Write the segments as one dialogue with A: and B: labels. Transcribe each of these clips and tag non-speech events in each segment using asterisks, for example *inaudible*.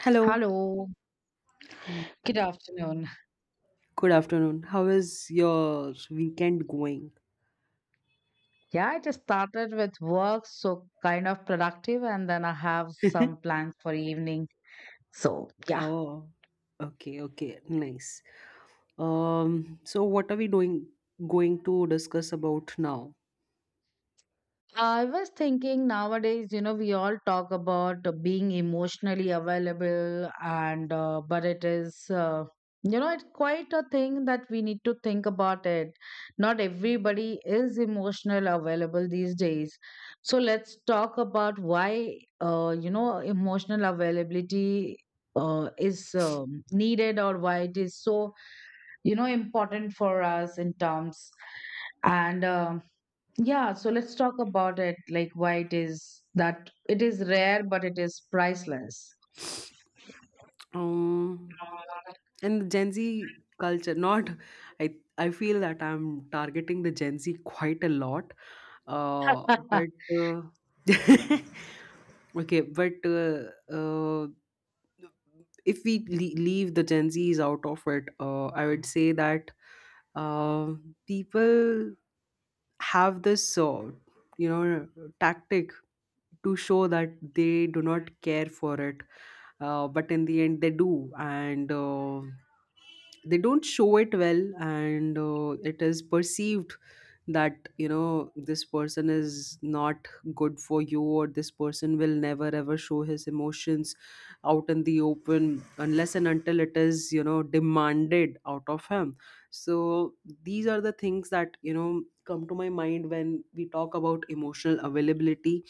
A: Hello.
B: Hello,
A: Hi.
B: good afternoon.
A: Good afternoon. How is your weekend going?
B: Yeah, I just started with work, so kind of productive, and then I have some
A: *laughs*
B: plans for evening. So, yeah.
A: Oh, okay, okay. Nice. So what are we doing going to discuss about now?
B: I was thinking nowadays, you know, we all talk about being emotionally available, and but it is, you know, it's quite a thing that we need to think about it. Not everybody is emotional available these days. So let's talk about why, you know, emotional availability is needed, or why it is so, you know, important for us in terms and. Yeah, so let's talk about it, like why it is that it is rare, but it is priceless.
A: Um, and Gen Z culture, not I I feel that I'm targeting the Gen Z quite a lot. But
B: *laughs*
A: uh, *laughs* okay, but if we leave the Gen Zs out of it. I would say that uh, people have this, you know tactic to show that they do not care for it, but in the end they do, and they don't show it well, and it is perceived that, you know, this person is not good for you, or this person will never ever show his emotions out in the open unless and until it is, demanded out of him. So these are the things that, come to my mind when we talk about emotional availability.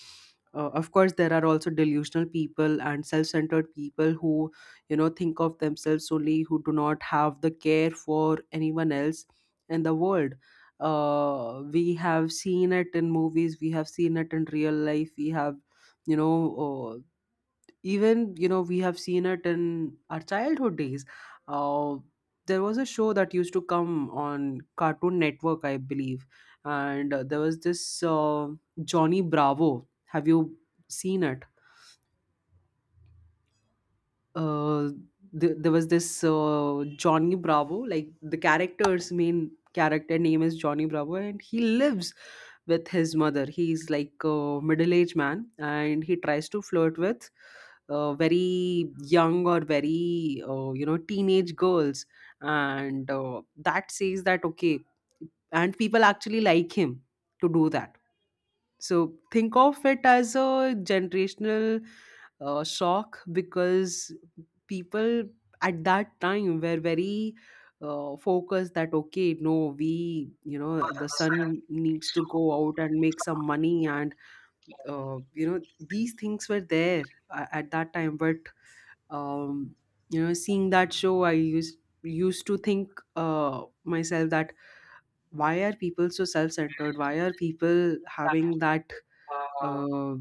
A: Of course, there are also delusional people and self-centered people who, think of themselves only, who do not have the care for anyone else and the world. We have seen it in movies, we have seen it in real life, we have, you know uh, even, we have seen it in our childhood days. uh, there was a show that used to come on Cartoon Network, I believe, and there was this Johnny Bravo. Have you seen it? uh, there was this Johnny Bravo. Like, the character's main character name is Johnny Bravo, and he lives with his mother. He's like a middle aged man, and he tries to flirt with very young, or very, teenage girls, and that says that, okay, and people actually like him to do that. So think of it as a generational shock, because people at that time were very focused that, okay, no, we, the son needs to go out and make some money, and these things were there, at that time, but. Um, seeing that show, I used to think, myself, that why are people so self-centered, why are people having that, uh,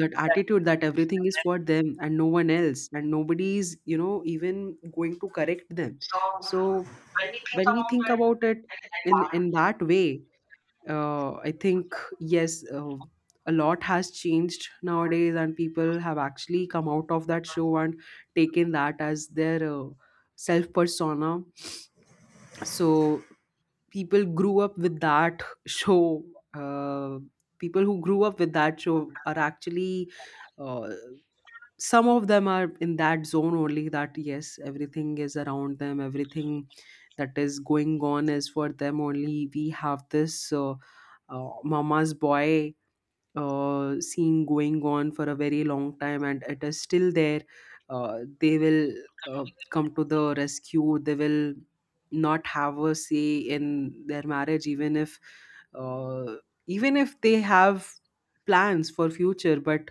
A: that attitude, that everything is for them and no one else, and nobody is, even going to correct them. So when we think about it in that way, I think, yes, a lot has changed nowadays, and people have actually come out of that show and taken that as their self persona. So people grew up with that show. Uh, People who grew up with that show are actually, uh, some of them are in that zone only, that yes, everything is around them, everything that is going on is for them only. We have this, Mama's Boy scene going on for a very long time, and it is still there. They will, come to the rescue, they will not have a say in their marriage, even if, uh, even if they have plans for future, but.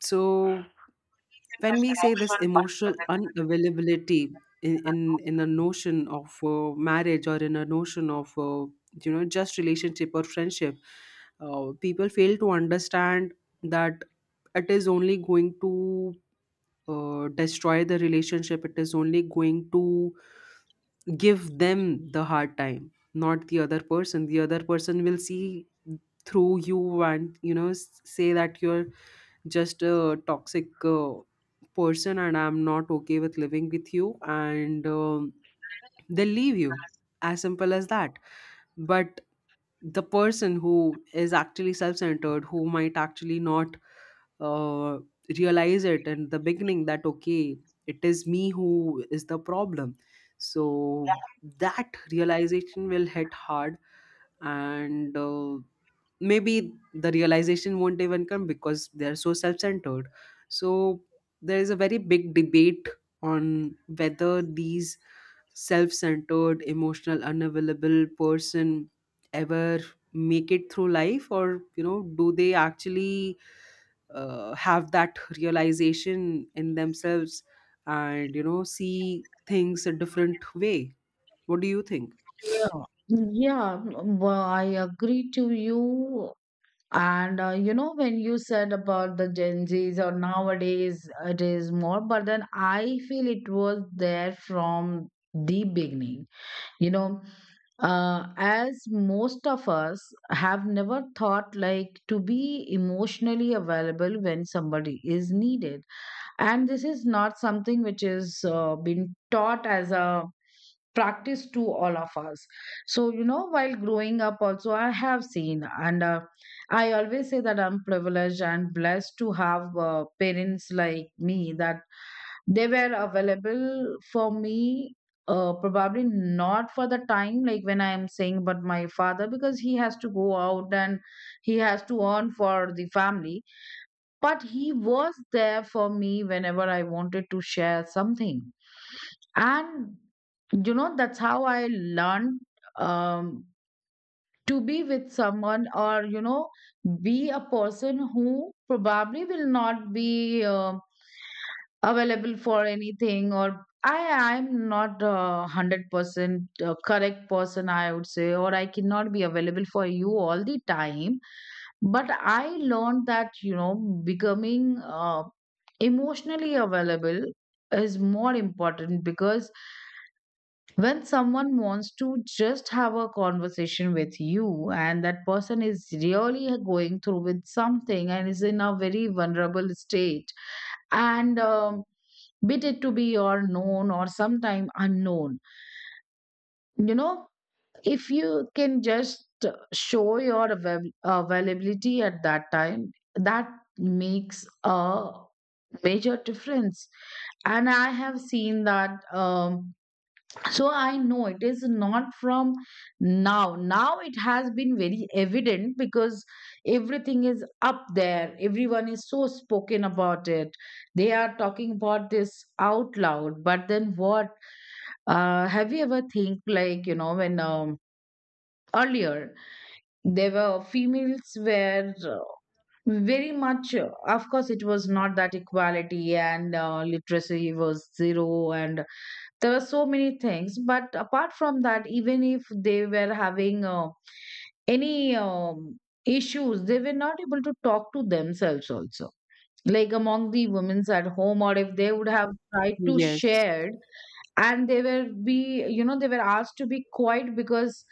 A: So when we say this emotional unavailability in a notion of, marriage, or in a notion of, just relationship or friendship, people fail to understand that it is only going to, destroy the relationship, it is only going to give them the hard time, not the other person. The other person will see through you, and, say that you're just a toxic person, and I'm not okay with living with you. And they leave you, as simple as that. But the person who is actually self-centered, who might actually not, uh, realize it in the beginning that, okay, it is me who is the problem. So that realization will hit hard, and maybe the realization won't even come because they're so self-centered. So there is a very big debate on whether these self-centered, emotional unavailable person ever make it through life, or, do they actually, have that realization in themselves and, see things a different way. What do you think?
B: Yeah. Yeah, well, I agree to you. And you know, when you said about the Gen Zs or nowadays it is more, but then I feel it was there from the beginning. You know, as most of us have never thought like to be emotionally available when somebody is needed, and this is not something which is been taught as a practice to all of us. So you know, while growing up also, I have seen, and I always say that I'm privileged and blessed to have parents like me, that they were available for me, probably not for the time like when I am saying, but my father, because he has to go out and he has to earn for the family, but he was there for me whenever I wanted to share something. And, you know, that's how I learned, um, to be with someone, or, you know, be a person who probably will not be. Available for anything, or I'm not a 100% correct person, I would say, or I cannot be available for you all the time. But I learned that, you know, becoming emotionally available is more important, because when someone wants to just have a conversation with you, and that person is really going through with something and is in a very vulnerable state, and bit it to be or known or sometime unknown, you know, if you can just show your availability at that time, that makes a major difference. And I have seen that. So I know it is not from now. Now it has been very evident, because everything is up there, everyone is so spoken about it, they are talking about this out loud. But then what? Have you ever think, like, you know, when earlier there were females were, very much, of course it was not that equality, and literacy was zero, and there were so many things. But apart from that, even if they were having any issues, they were not able to talk to themselves also, like among the women's at home, or if they would have tried to
A: Yes.
B: share, and they were be, you know, they were asked to be quiet, because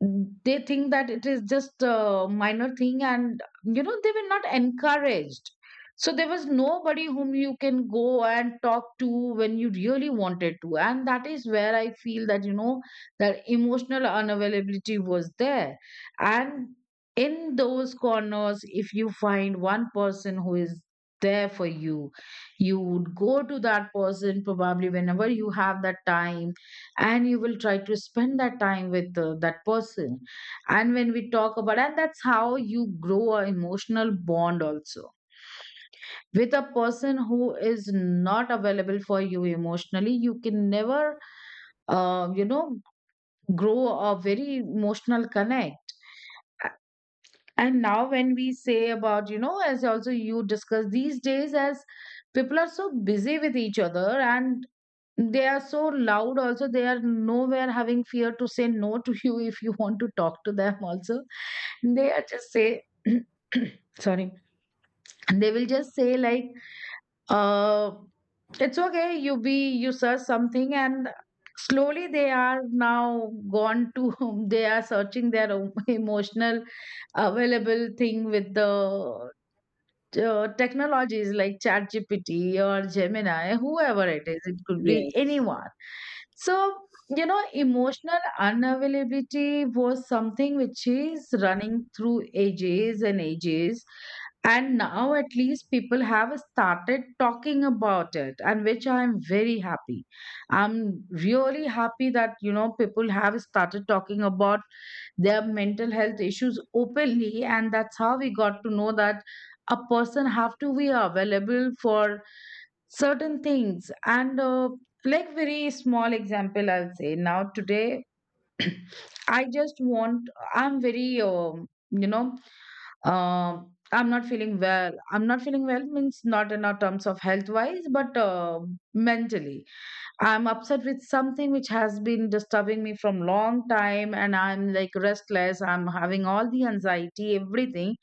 B: they think that it is just a minor thing, and you know, they were not encouraged. So there was nobody whom you can go and talk to when you really wanted to, and that is where I feel that, you know, that emotional unavailability was there. And in those corners, if you find one person who is there for you, you would go to that person probably whenever you have that time, and you will try to spend that time with that person. And when we talk about, and that's how you grow an emotional bond also. With a person who is not available for you emotionally, you can never, you know, grow a very emotional connect. And now when we say about, you know, as also you discuss these days, as people are so busy with each other, and they are so loud, also, they are nowhere having fear to say no to you *laughs* if you want to talk to them, also. They are just say, *clears throat* sorry, they will just say, like, uh, it's okay, you be, you search something, and slowly they are now gone to, *laughs* they are searching their own *laughs* emotional available thing with the technologies like ChatGPT or Gemini, whoever it is, it could be
A: Yes.
B: anyone. So, you know, emotional unavailability was something which is running through ages and ages. And now, at least, people have started talking about it, and which I am very happy. I'm really happy that, you know, people have started talking about their mental health issues openly, and that's how we got to know that a person have to be available for certain things. And like very small example, I'll say, now today *clears throat* I just want, I'm very um I'm not feeling well. I'm not feeling well means not in our terms of health wise, but mentally I'm upset with something which has been disturbing me from long time, and I'm like restless. I'm having all the anxiety, everything.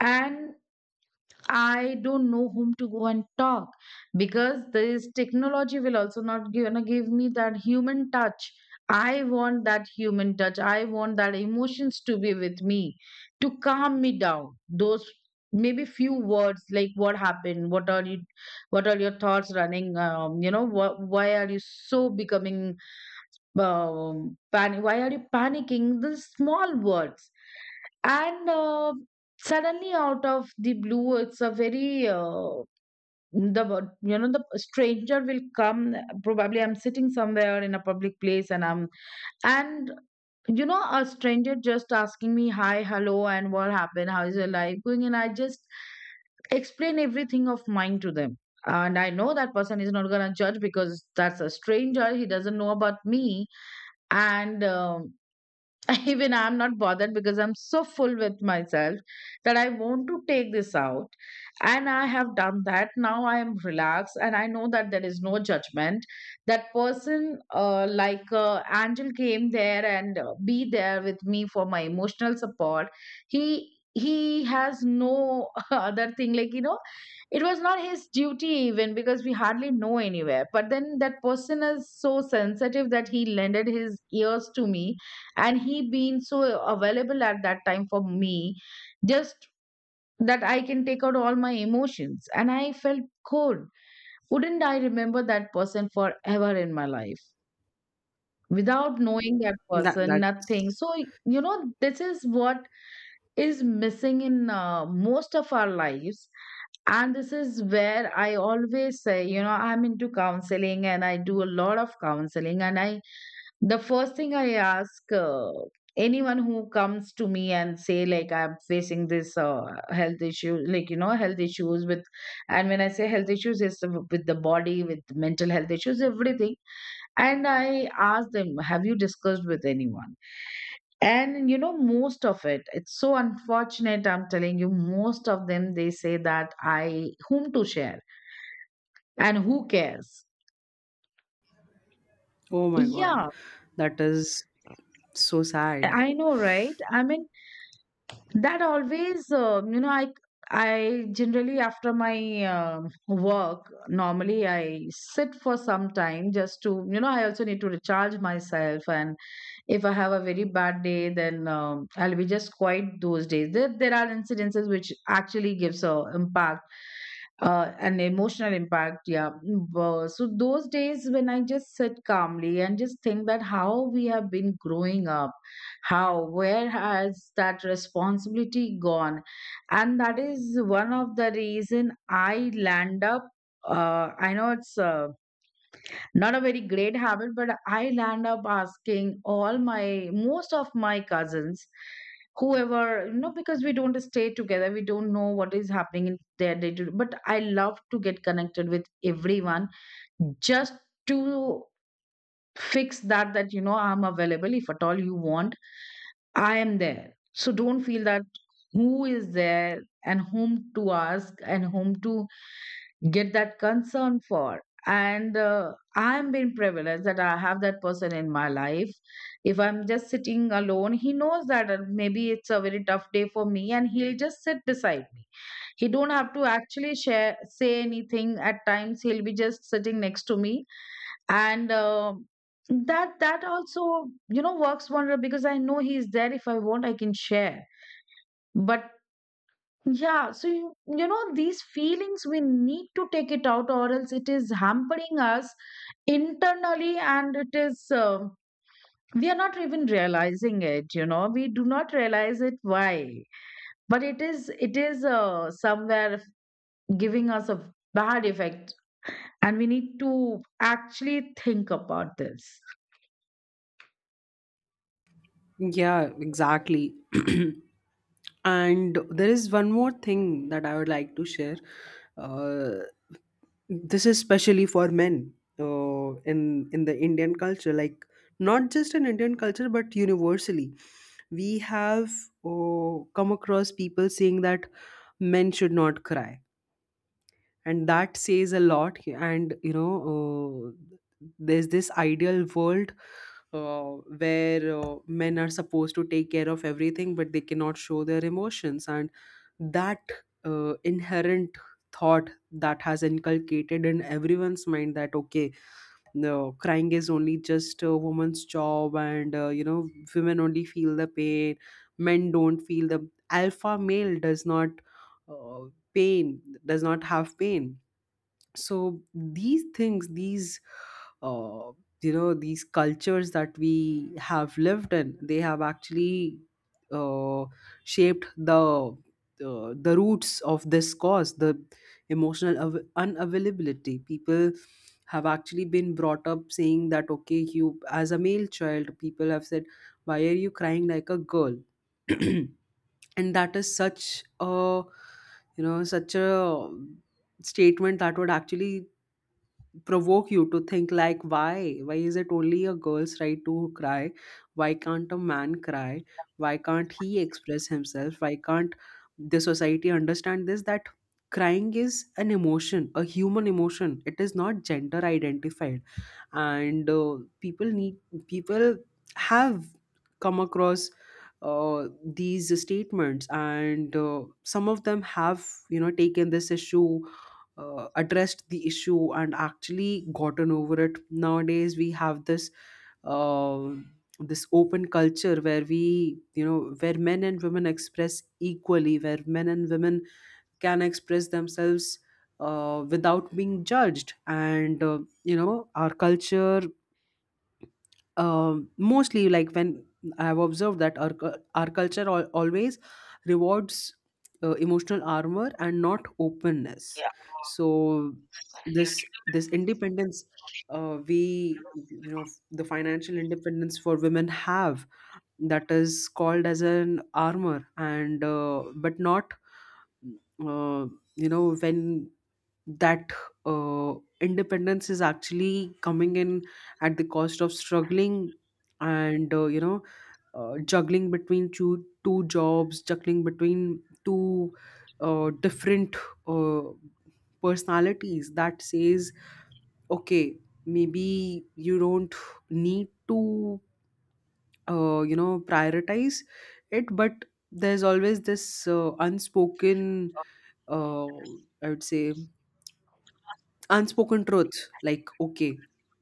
B: And I don't know whom to go and talk, because this technology will also not give, gonna give me that human touch. I want that human touch. I want that emotions to be with me, to calm me down. Those maybe few words like, what happened, what are you, what are your thoughts running? You know, why are you so becoming panic? Why are you panicking? The small words. And suddenly out of the blue, it's a very the you know the stranger will come. Probably I'm sitting somewhere in a public place, and I'm, and you know, a stranger just asking me, hi, hello, and what happened, how is your life going, and I just explain everything of mine to them, and I know that person is not going to judge, because that's a stranger, he doesn't know about me. And *laughs* even I'm not bothered, because I'm so full with myself, that I want to take this out. And I have done that. Now I am relaxed, and I know that there is no judgment. That person, like Angel, came there and be there with me for my emotional support. He has no *laughs* other thing, like, you know, it was not his duty even, because we hardly know anywhere, but then that person is so sensitive that he lended his ears to me, and he being so available at that time for me, just that I can take out all my emotions, and I felt good. Wouldn't I remember that person forever in my life? Without knowing that
A: that
B: person, nothing.
A: that's
B: So, you know, this is what is missing in most of our lives. And this is where I always say, you know, I'm into counseling, and I do a lot of counseling, and I, the first thing I ask, anyone who comes to me and say like, I'm facing this health issue, like, you know, health issues with, and when I say health issues, it's with the body, with mental health issues, everything. And I asked them, have you discussed with anyone? And you know, most of it, it's so unfortunate. I'm telling you, most of them, they say that I, whom to share, and who cares?
A: Oh my God,
B: Yeah,
A: that is so sad.
B: I know, right? I mean, that always, you know, I generally after my work, normally I sit for some time just to, you know, I also need to recharge myself. And if I have a very bad day, then I'll be just quiet those days. There are incidences which actually gives a impact, an emotional impact. Yeah. So those days when I just sit calmly and just think that how we have been growing up, how, where has that responsibility gone, and that is one of the reason I land up. I know it's. Not a very great habit, but I land up asking all my, most of my cousins, whoever, you know, because we don't stay together, we don't know what is happening in their day to. But I love to get connected with everyone, just to fix that, that, you know, I'm available, if at all you want, I am there. So don't feel that, who is there and whom to ask and whom to get that concern for. And I'm being privileged that I have that person in my life. If I'm just sitting alone, he knows that maybe it's a very tough day for me, and he'll just sit beside me. He don't have to actually share say anything. At times, he'll be just sitting next to me, and that also works wonder because I know he's there. If I want, I can share. But yeah, so you know these feelings we need to take it out, or else it is hampering us internally. And it is we are not even realizing it. You know, we do not realize it why, but it is somewhere giving us a bad effect, and we need to actually think about this.
A: Yeah, exactly. *clears throat* And there is one more thing that I would like to share. Uh, this is especially for men, in the Indian culture. Like, not just in Indian culture, but universally. We have come across people saying that men should not cry, and that says a lot. And, there's this ideal world uh, where, men are supposed to take care of everything but they cannot show their emotions, and that inherent thought that has inculcated in everyone's mind that, okay, no, crying is only just a woman's job, and women only feel the pain, men don't feel the, alpha male does not, uh, pain, does not have pain. So these things, these, uh, these cultures that we have lived in, they have actually, uh, shaped the, the roots of this cause, the emotional unavailability. People have actually been brought up saying that, okay, you as a male child, people have said, why are you crying like a girl? *clears throat* And that is such a, such a statement that would actually provoke you to think, like, why is it only a girl's right to cry? Why can't a man cry? Why can't he express himself? Why can't the society understand this, that crying is an emotion, a human emotion, it is not gender identified? And people have come across, uh, these statements, and some of them have, taken this issue, addressed the issue, and actually gotten over it. Nowadays, we have this, um this open culture where, men and women express equally, where men and women can express themselves without being judged, and our culture, mostly, like, when I have observed that our culture always rewards emotional armor and not openness. So this independence, we you know the financial independence for women have, that is called as an armor, and but not, uh, when that uh, independence is actually coming in at the cost of struggling, and juggling between two jobs, juggling between two different uh, personalities, that says, okay, maybe you don't need to, prioritize it, but there's always this unspoken, uh, I would say, unspoken truths, like, okay,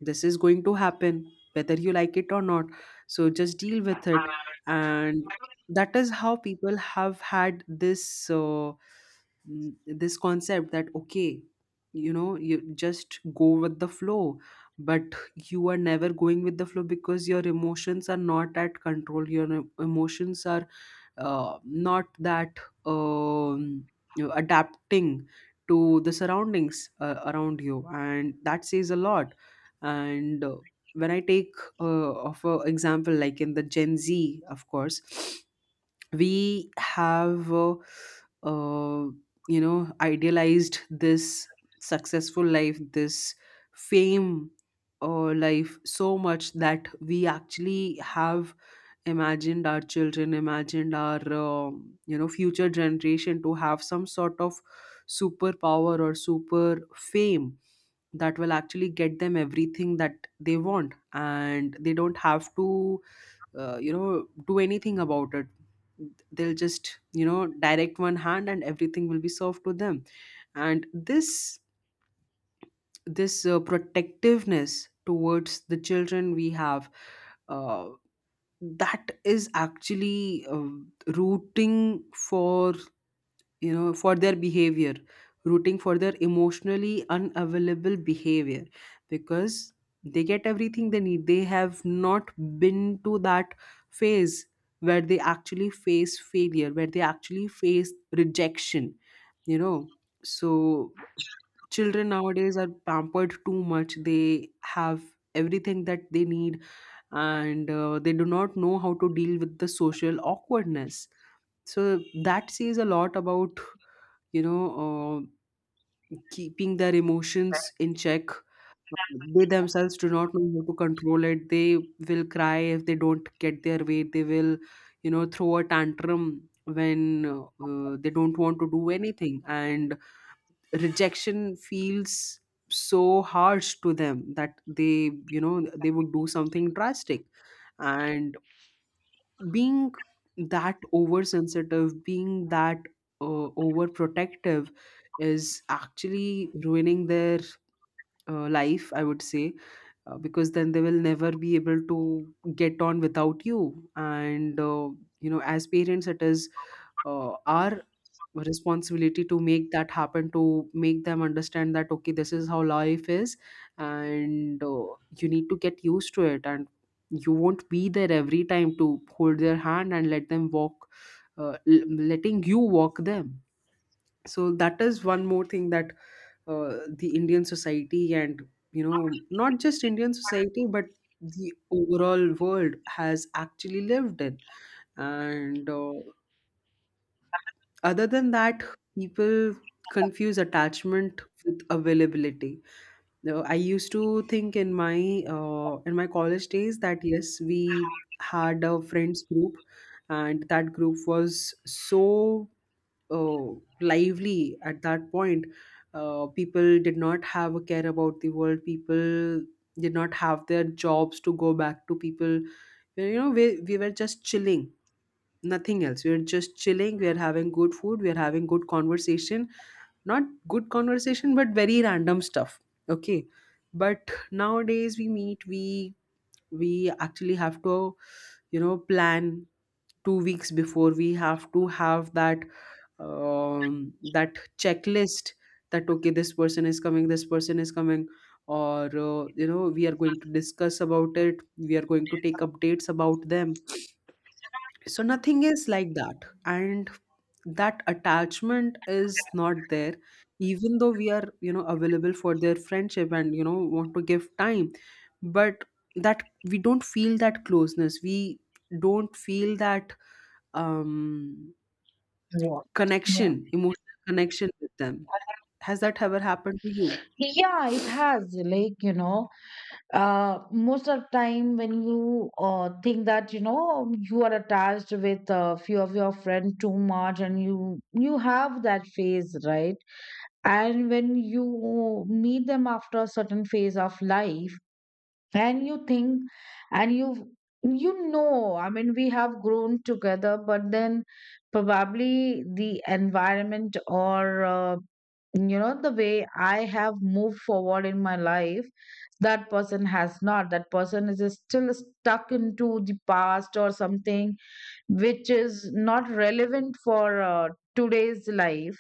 A: this is going to happen whether you like it or not, so just deal with it. And that is how people have had this, this concept that, okay, you just go with the flow. But you are never going with the flow because your emotions are not at control, your emotions are, not that, um, adapting to the surroundings around you, and that says a lot. And when I take, of a example, like in the Gen Z, of course, *sniffs* we have, uh, idealized this successful life, this fame, life, so much that we actually have imagined our children, imagined our, future generation to have some sort of superpower or super fame that will actually get them everything that they want, and they don't have to, do anything about it. They'll just, direct one hand, and everything will be served to them. And this protectiveness towards the children we have, uh, that is actually, rooting for, for their behavior, rooting for their emotionally unavailable behavior, because they get everything they need, they have not been to that phase where they actually face failure, where they actually face rejection, you know so children nowadays are pampered too much, they have everything that they need, and they do not know how to deal with the social awkwardness. So that says a lot about, you know, uh, keeping their emotions in check. They themselves do not know how to control it. They will cry if they don't get their way. They will, throw a tantrum when, they don't want to do anything. And rejection feels so harsh to them that they would do something drastic. And being that oversensitive, being that, uh, overprotective, is actually ruining their life, I would say, because then they will never be able to get on without you. And, as parents, it is, our responsibility to make that happen, to make them understand that, okay, this is how life is, and you need to get used to it, and you won't be there every time to hold their hand and let them walk, letting you walk them. So that is one more thing that, the Indian society, and, not just Indian society but the overall world, has actually lived in. And other than that, people confuse attachment with availability. Now, I used to think in my college days that, yes, we had a friends group, and that group was so, uh, lively at that point. People did not have a care about the world. People did not have their jobs to go back to. People, you know, we were just chilling, nothing else, we're just chilling, we're having good food, we're having good conversation — not good conversation, but very random stuff, okay. But nowadays we meet, we actually have to, plan 2 weeks before, we have to have that, that checklist, that okay, this person is coming, this person is coming, or, we are going to discuss about it, we are going to take updates about them. So nothing is like that, and that attachment is not there, even though we are, available for their friendship and, want to give time, but that we don't feel that closeness, we don't feel that, um
B: Right. Yeah.
A: connection, emotional connection with them. Has that ever happened to you?
B: Yeah, it has. Like, you know, most of time when you think that, you know, you are attached with a few of your friends too much and you have that phase, right? And when you meet them after a certain phase of life, and you think and you know, I mean, we have grown together, but then probably the environment or you know, the way I have moved forward in my life, that person has not. That person is still stuck into the past or something which is not relevant for today's life.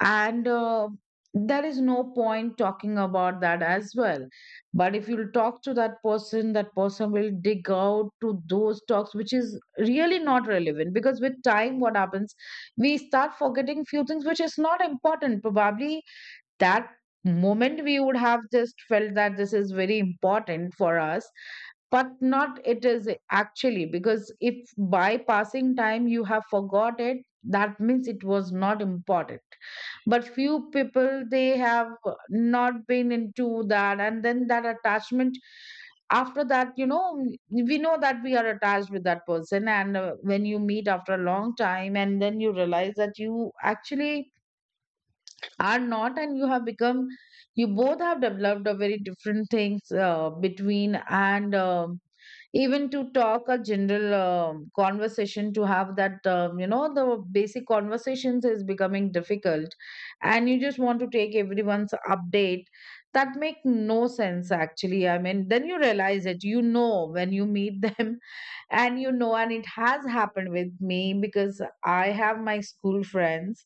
B: And there is no point talking about that as well. But if you talk to that person, that person will dig out to those talks which is really not relevant, because with time what happens, we start forgetting few things which is not important. Probably that moment we would have just felt that this is very important for us, but not it is actually, because if by passing time you have forgot it, that means it was not important. But few people, they have not been into that. And then that attachment, after that, you know, we know that we are attached with that person, and when you meet after a long time and then you realize that you actually are not, and you have become, you both have developed a very different things between. And even to talk a general conversation, to have that you know, the basic conversations is becoming difficult, and you just want to take everyone's update that make no sense actually. I mean, then you realize it, you know, when you meet *laughs* them. And you know, and it has happened with me because I have my school friends.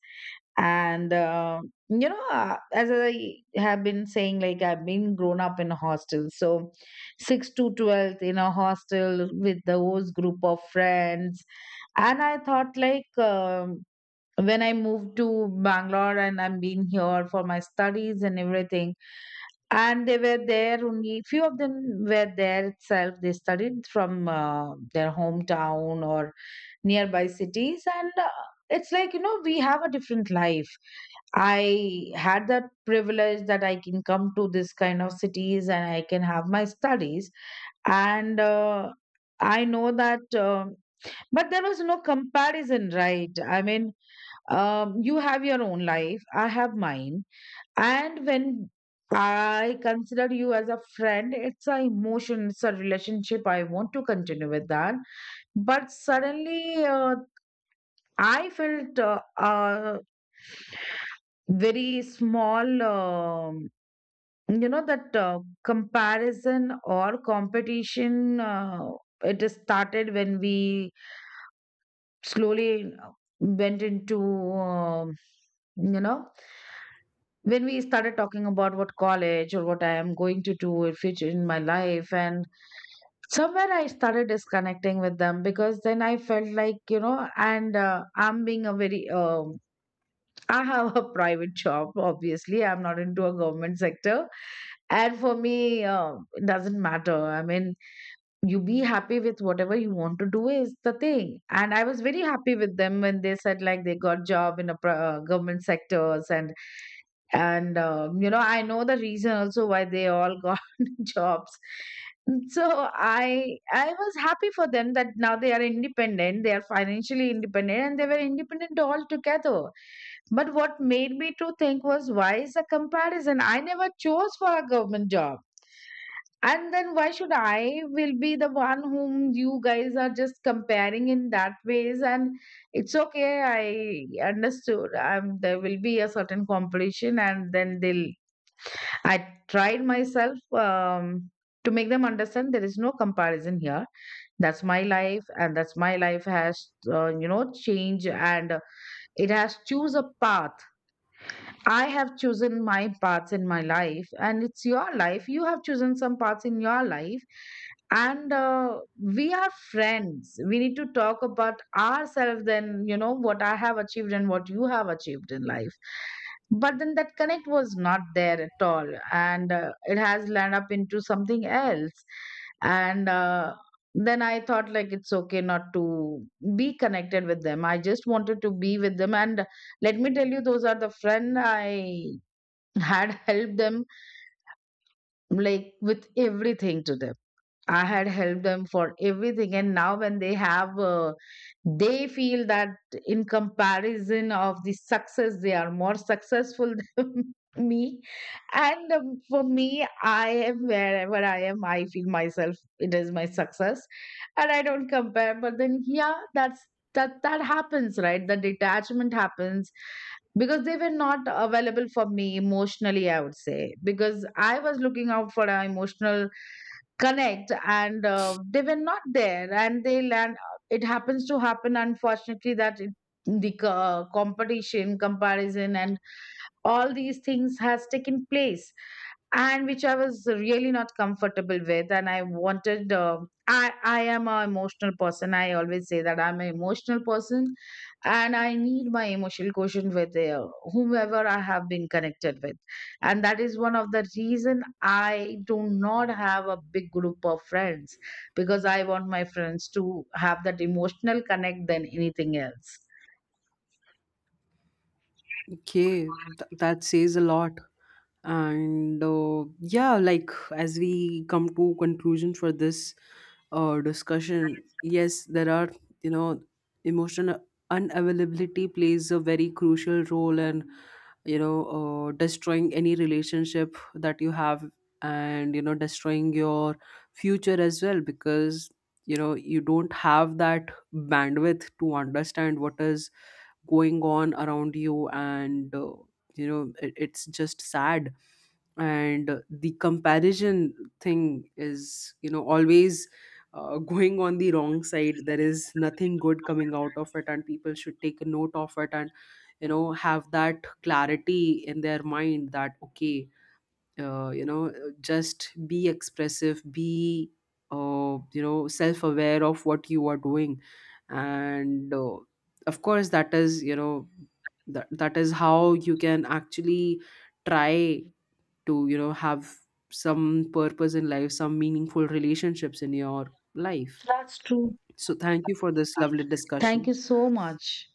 B: And you know, as I have been saying, like I've been grown up in a hostel, so 6 to 12th in a hostel with those group of friends. And I thought like when I moved to Bangalore, and I am been here for my studies and everything, and they were there, only few of them were there itself. They studied from their hometown or nearby cities. And it's like, you know, we have a different life. I had that privilege that I can come to this kind of cities and I can have my studies. And I know that but there was no comparison, right? I mean, you have your own life, I have mine. And when I consider you as a friend, it's a emotion, it's a relationship. I want to continue with that. But suddenly, I felt very small, you know, that comparison or competition. It started when we slowly went into, um, you know, when we started talking about what college or what I am going to do in future in my life, and somewhere I started disconnecting with them, because then I felt like, you know, and I'm being a very *laughs* I have a *laughs* private job. Obviously, I'm not into a government sector, and for me, it doesn't matter. I mean, you be happy with whatever you want to do is the thing. And I was very happy with them when they said like they got job in a government sectors. And you know, I know the reason also why they all got *laughs* jobs. So I was happy for them that now they are independent, they are financially independent, and they were independent altogether. But what made me to think was why is a comparison? I never chose for a government job, and then why should I will be the one whom you guys are just comparing in that ways? And it's okay, I understood. There will be a certain competition, and then they'll. I tried myself to make them understand there is no comparison here. That's my life, and that's my life has you know, change, and it has choose a path. I have chosen my paths in my life, and it's your life. You have chosen some paths in your life, and we are friends. We need to talk about ourselves, then, you know, what I have achieved and what you have achieved in life. But then that connect was not there at all, and it has land up into something else. And then I thought, like, it's okay not to be connected with them. I just wanted to be with them, and let me tell you, those are the friend I had *laughs* helped them, like, with everything to them. I had helped them for everything. And now, when they have, they feel that in comparison of the success, they are more successful *laughs* than me. And for me, I am wherever I am, I feel myself, it is my success. And I don't compare. But then, yeah, that's. That happens, right? The detachment happens because they were not available for me emotionally, I would say, because I was looking out for an emotional connect, and they were not there, and they land, it happens to happen, unfortunately, that it, the competition, comparison, and all these things has taken place, and which I was really not comfortable with. And I wanted I am a emotional person, I always say that I'm an emotional person, and I need my emotional quotient with whomever I have been connected with. And that is one of the reason I do not have a big group of friends, because I want my friends to have that emotional connect than anything else.
A: Okay, that says a lot. And yeah, like, as we come to conclusion for this or discussion, yes, there are, you know emotional unavailability plays a very crucial role and, destroying any relationship that you have, and destroying your future as well, because, you don't have that bandwidth to understand what is going on around you, and it's just sad. And the comparison thing is, always, going on the wrong side. There is nothing good coming out of it, and people should take a note of it and, have that clarity in their mind that, okay, uh, you know just be expressive, be, self aware of what you are doing. And of course, that is, that is how you can actually try to, have some purpose in life, some meaningful relationships in your life.
B: That's true.
A: So thank you for this lovely
B: Thank you
A: discussion.
B: so much.